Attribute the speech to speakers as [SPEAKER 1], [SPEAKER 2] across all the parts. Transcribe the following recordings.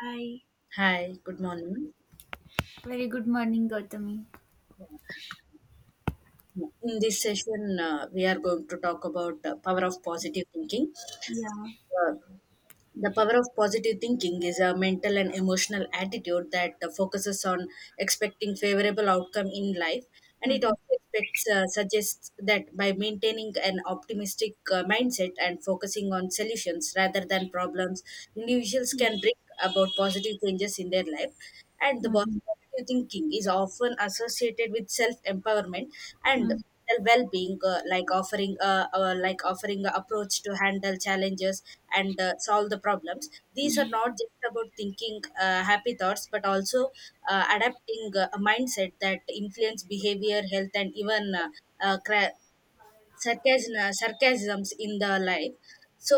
[SPEAKER 1] Hi.
[SPEAKER 2] Hi, good morning.
[SPEAKER 1] Very good morning, Gautami.
[SPEAKER 2] In this session, we are going to talk about the power of positive thinking.
[SPEAKER 1] Yeah.
[SPEAKER 2] Uh, the power of positive thinking is a mental and emotional attitude that focuses on expecting favorable outcome in life, and it
[SPEAKER 1] Mm-hmm.
[SPEAKER 2] also expects suggests that by maintaining an optimistic mindset and focusing on solutions rather than problems, individuals can bring about positive changes in their life, and the body
[SPEAKER 1] Mm-hmm.
[SPEAKER 2] positive thinking is often associated with self-empowerment and well-being, like offering a approach to handle challenges and solve the problems. These are
[SPEAKER 1] Mm-hmm.
[SPEAKER 2] not just about thinking happy thoughts, but also adapting a mindset that influence behavior health and even uh, cra- sarcasm, sarcasms in the life. So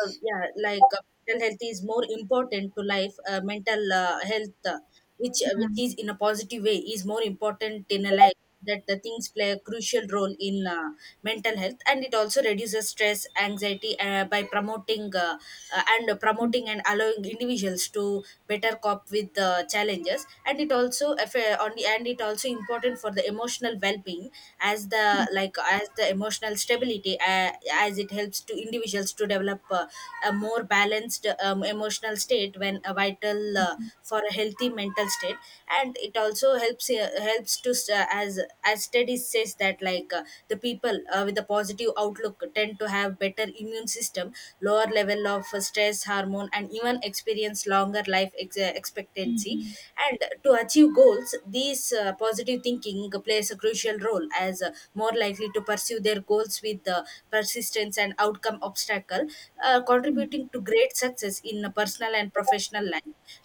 [SPEAKER 2] yeah, mental health is more important to life. Mental health, which is in a positive way, is more important in a life. That the things play a crucial role in mental health, and it also reduces stress, anxiety by promoting and promoting and allowing individuals to better cope with the challenges. And it also on the and it also important for the emotional well being as the like as the emotional stability, as it helps to individuals to develop a more balanced emotional state when a vital
[SPEAKER 1] Mm-hmm.
[SPEAKER 2] for a healthy mental state. And it also helps to as studies says that the people with a positive outlook tend to have better immune system, lower level of stress hormone, and even experience longer life expectancy.
[SPEAKER 1] Mm-hmm.
[SPEAKER 2] And to achieve goals, these positive thinking plays a crucial role as more likely to pursue their goals with persistence and outcome obstacle, contributing to great success in a personal and professional life.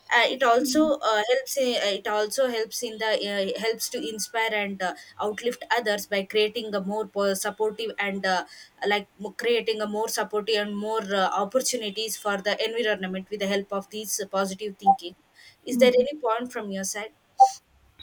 [SPEAKER 2] It also helps in the helps to inspire and outlift others by creating a more supportive and creating a more supportive and more opportunities for the environment with the help of these positive thinking. Is there
[SPEAKER 1] Mm-hmm.
[SPEAKER 2] any point from your side?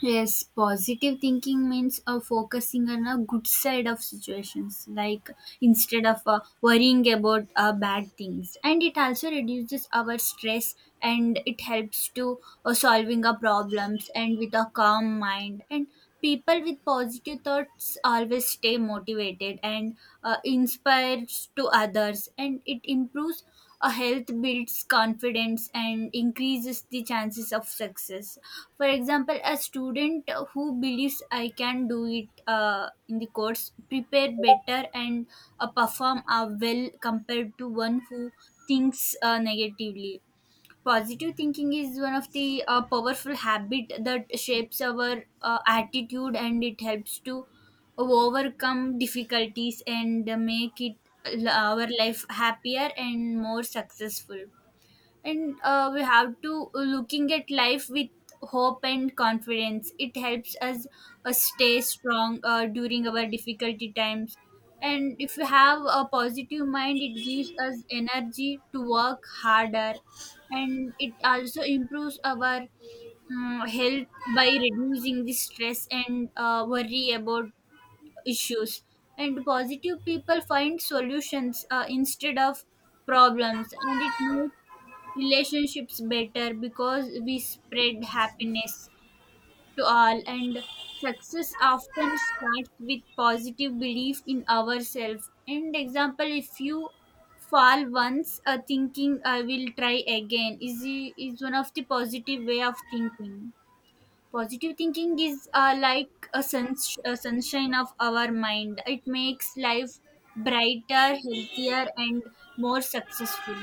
[SPEAKER 1] Yes, positive thinking means focusing on a good side of situations, like instead of worrying about bad things. And it also reduces our stress, and it helps to solving our problems and with a calm mind. And people with positive thoughts always stay motivated and inspires to others. And it improves a health, builds confidence, and increases the chances of success. For example, a student who believes I can do it in the course prepare better and perform well compared to one who thinks negatively. Positive thinking is one of the powerful habit that shapes our attitude, and it helps to overcome difficulties and make it our life happier and more successful. And we have to looking at life with hope and confidence. It helps us stay strong during our difficulty times. And if we have a positive mind, it gives us energy to work harder, and it also improves our health by reducing the stress and worry about issues. And positive people find solutions instead of problems, and it makes relationships better because we spread happiness to all. And success often starts with positive belief in ourselves. And example, if you fall once, thinking I will try again is one of the positive way of thinking. Positive thinking is like a, a sunshine of our mind. It makes life brighter, healthier, and more successful.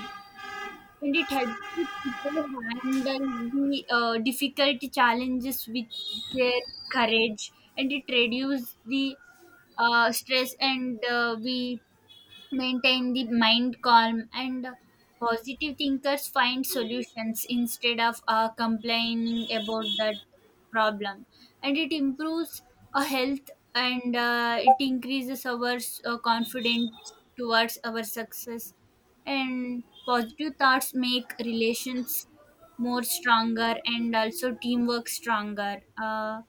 [SPEAKER 1] And it helps the people handle the difficult challenges with their courage. And it reduces the stress, and we maintain the mind calm. And positive thinkers find solutions instead of complaining about that problem. And it improves our health, and it increases our confidence towards our success. And positive thoughts make relations more stronger and also teamwork stronger.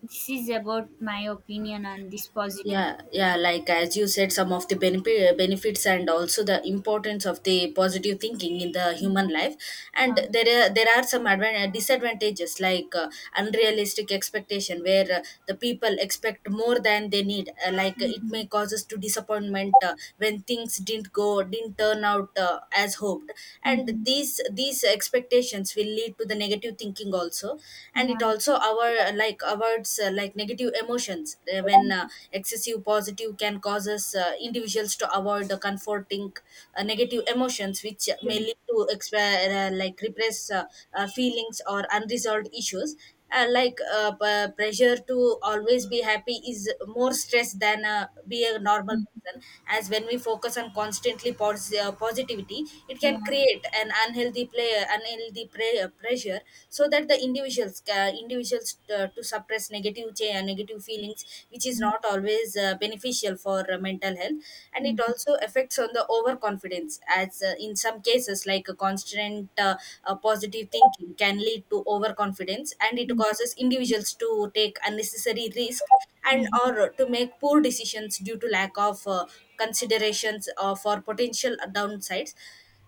[SPEAKER 1] This is about my opinion on this positive
[SPEAKER 2] Yeah, yeah, like as you said, some of the benefits and also the importance of the positive thinking in the
[SPEAKER 1] thing.
[SPEAKER 2] human life. And
[SPEAKER 1] Uh,
[SPEAKER 2] there are some disadvantages, like unrealistic expectation, where the people expect more than they need, it may cause us to disappointment when things didn't turn out as hoped, and
[SPEAKER 1] Mm-hmm.
[SPEAKER 2] these expectations will lead to the negative thinking also. And it
[SPEAKER 1] Yeah.
[SPEAKER 2] also our like avoids like negative emotions times, when excessive positive can cause us individuals to avoid the comforting negative emotions, which
[SPEAKER 1] Yeah.
[SPEAKER 2] may lead to like repress feelings or unresolved issues. Pressure to always be happy is more stress than be a normal
[SPEAKER 1] Mhm.
[SPEAKER 2] person, as when we focus on constantly positivity, it can
[SPEAKER 1] Yeah.
[SPEAKER 2] create an unhealthy play unhealthy pressure, so that the individuals to suppress negative negative feelings, which is
[SPEAKER 1] Mhm.
[SPEAKER 2] not always beneficial for mental health. And it
[SPEAKER 1] Mhm.
[SPEAKER 2] also affects on the overconfidence, as in some cases, like a constant positive thinking can lead to overconfidence, and it causes individuals to take unnecessary risk and
[SPEAKER 1] Mhm.
[SPEAKER 2] or to make poor decisions due to lack of considerations for potential downsides.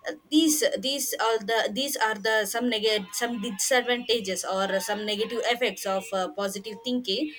[SPEAKER 2] These are the some negative some disadvantages or some negative effects of positive thinking.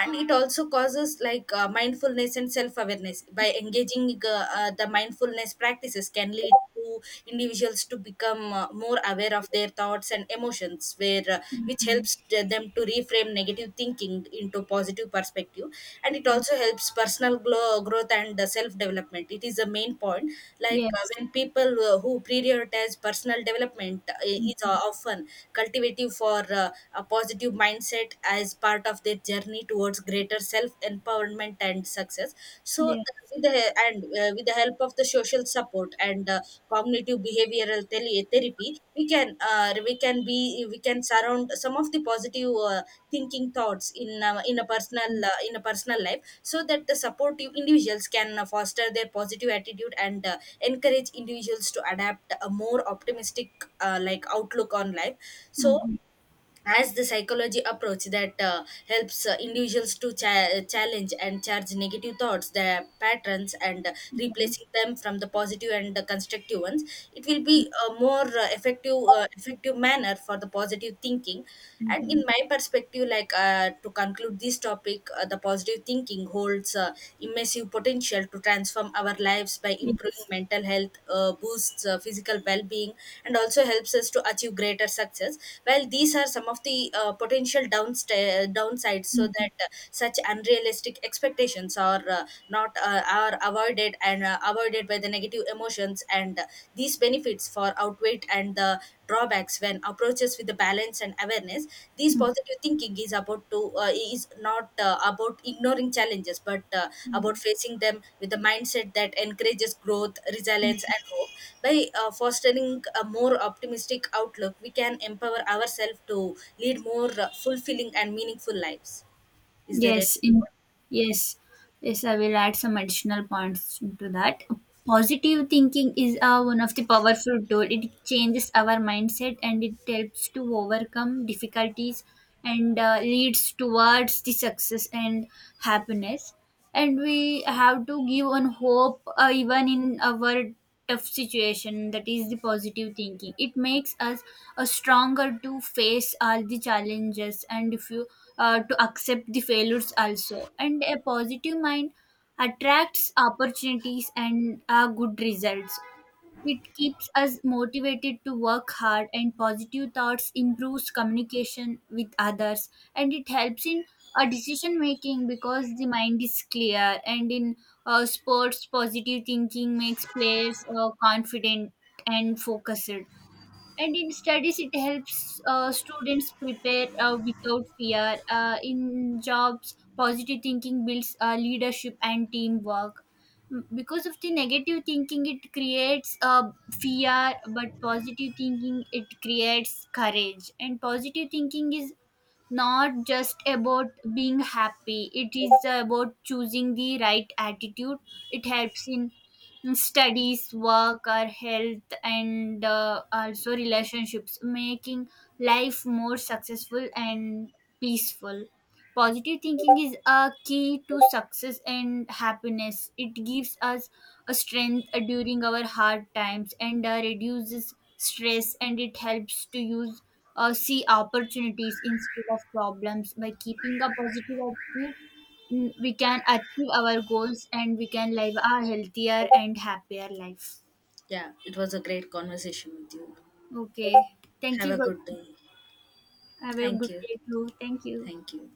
[SPEAKER 2] And it also causes like mindfulness and self awareness by engaging the mindfulness practices can lead to individuals to become more aware of their thoughts and emotions, where
[SPEAKER 1] Mhm.
[SPEAKER 2] which
[SPEAKER 1] Mhm.
[SPEAKER 2] helps them to reframe negative thinking into positive perspective. And it
[SPEAKER 1] Ye-
[SPEAKER 2] also helps personal growth and self development, it is a main point. Like
[SPEAKER 1] Yes.
[SPEAKER 2] when people who prioritize personal development is
[SPEAKER 1] Mhm.
[SPEAKER 2] often cultivative for a positive mindset as part of their journey towards greater self empowerment and success. So
[SPEAKER 1] Yes.
[SPEAKER 2] with the he- and with the help of the social support and cognitive behavioral therapy, we can be we can surround some of the positive thinking thoughts in a personal life, so that the supportive individuals can foster their positive attitude and encourage individuals to adapt a more optimistic outlook on life. So
[SPEAKER 1] Mhm.
[SPEAKER 2] as the psychology approach that helps individuals to challenge and charge negative thoughts their patterns and
[SPEAKER 1] Mhm.
[SPEAKER 2] replacing them from the positive and constructive ones, it will be a more effective manner for the positive thinking. And
[SPEAKER 1] Mhm.
[SPEAKER 2] in my perspective, like to conclude this topic, the positive thinking holds immense massive potential to transform our lives by improving
[SPEAKER 1] Yes.
[SPEAKER 2] mental health, boosts physical well being, and also helps us to achieve greater success. Well, these are some of the potential downsides, so
[SPEAKER 1] Mhm.
[SPEAKER 2] that such unrealistic expectations are not are avoided and avoided by the negative emotions, and these benefits for outweigh and the drawbacks when approaches with the balance and awareness. These
[SPEAKER 1] Mhm.
[SPEAKER 2] positive thinking is about to is not about ignoring challenges, but about
[SPEAKER 1] Mhm.
[SPEAKER 2] facing them with a mindset that encourages growth resilience and hope. By fostering a more optimistic outlook, we can empower ourselves to lead more fulfilling and meaningful lives. Is there
[SPEAKER 1] Yes.
[SPEAKER 2] any more?
[SPEAKER 1] Yes. Yes, I will add some additional points to that. Positive thinking is one of the powerful tool. It changes our mindset, and it helps to overcome difficulties and leads towards the success and happiness. And we have to give on hope even in our tough situation. That is the positive thinking. It makes us stronger to face all the challenges, and if you to accept the failures also. And a positive mind attracts opportunities and good results. It keeps us motivated to work hard, and positive thoughts improves communication with others, and it helps in a decision making because the mind is clear. And in sports, positive thinking makes players confident and focused. And in studies, it helps students prepare without fear. In jobs, positive thinking builds leadership and teamwork. Because of the negative thinking, it creates fear, but positive thinking, it creates courage. And positive thinking is not just about being happy. It is about choosing the right attitude. It helps in studies, work, or health, and also relationships, making life more successful and peaceful. Positive thinking is a key to success and happiness. It gives us a strength during our hard times, and reduces stress, and it helps to use see opportunities instead of problems. By keeping a positive attitude, we can achieve our goals, and we can live a healthier and happier life.
[SPEAKER 2] Yeah, it was a great conversation with you.
[SPEAKER 1] Okay, thank
[SPEAKER 2] Have
[SPEAKER 1] you,
[SPEAKER 2] a good
[SPEAKER 1] Gaurav.
[SPEAKER 2] day.
[SPEAKER 1] Have a
[SPEAKER 2] Thank
[SPEAKER 1] good
[SPEAKER 2] you.
[SPEAKER 1] day too. Thank you.
[SPEAKER 2] Thank you.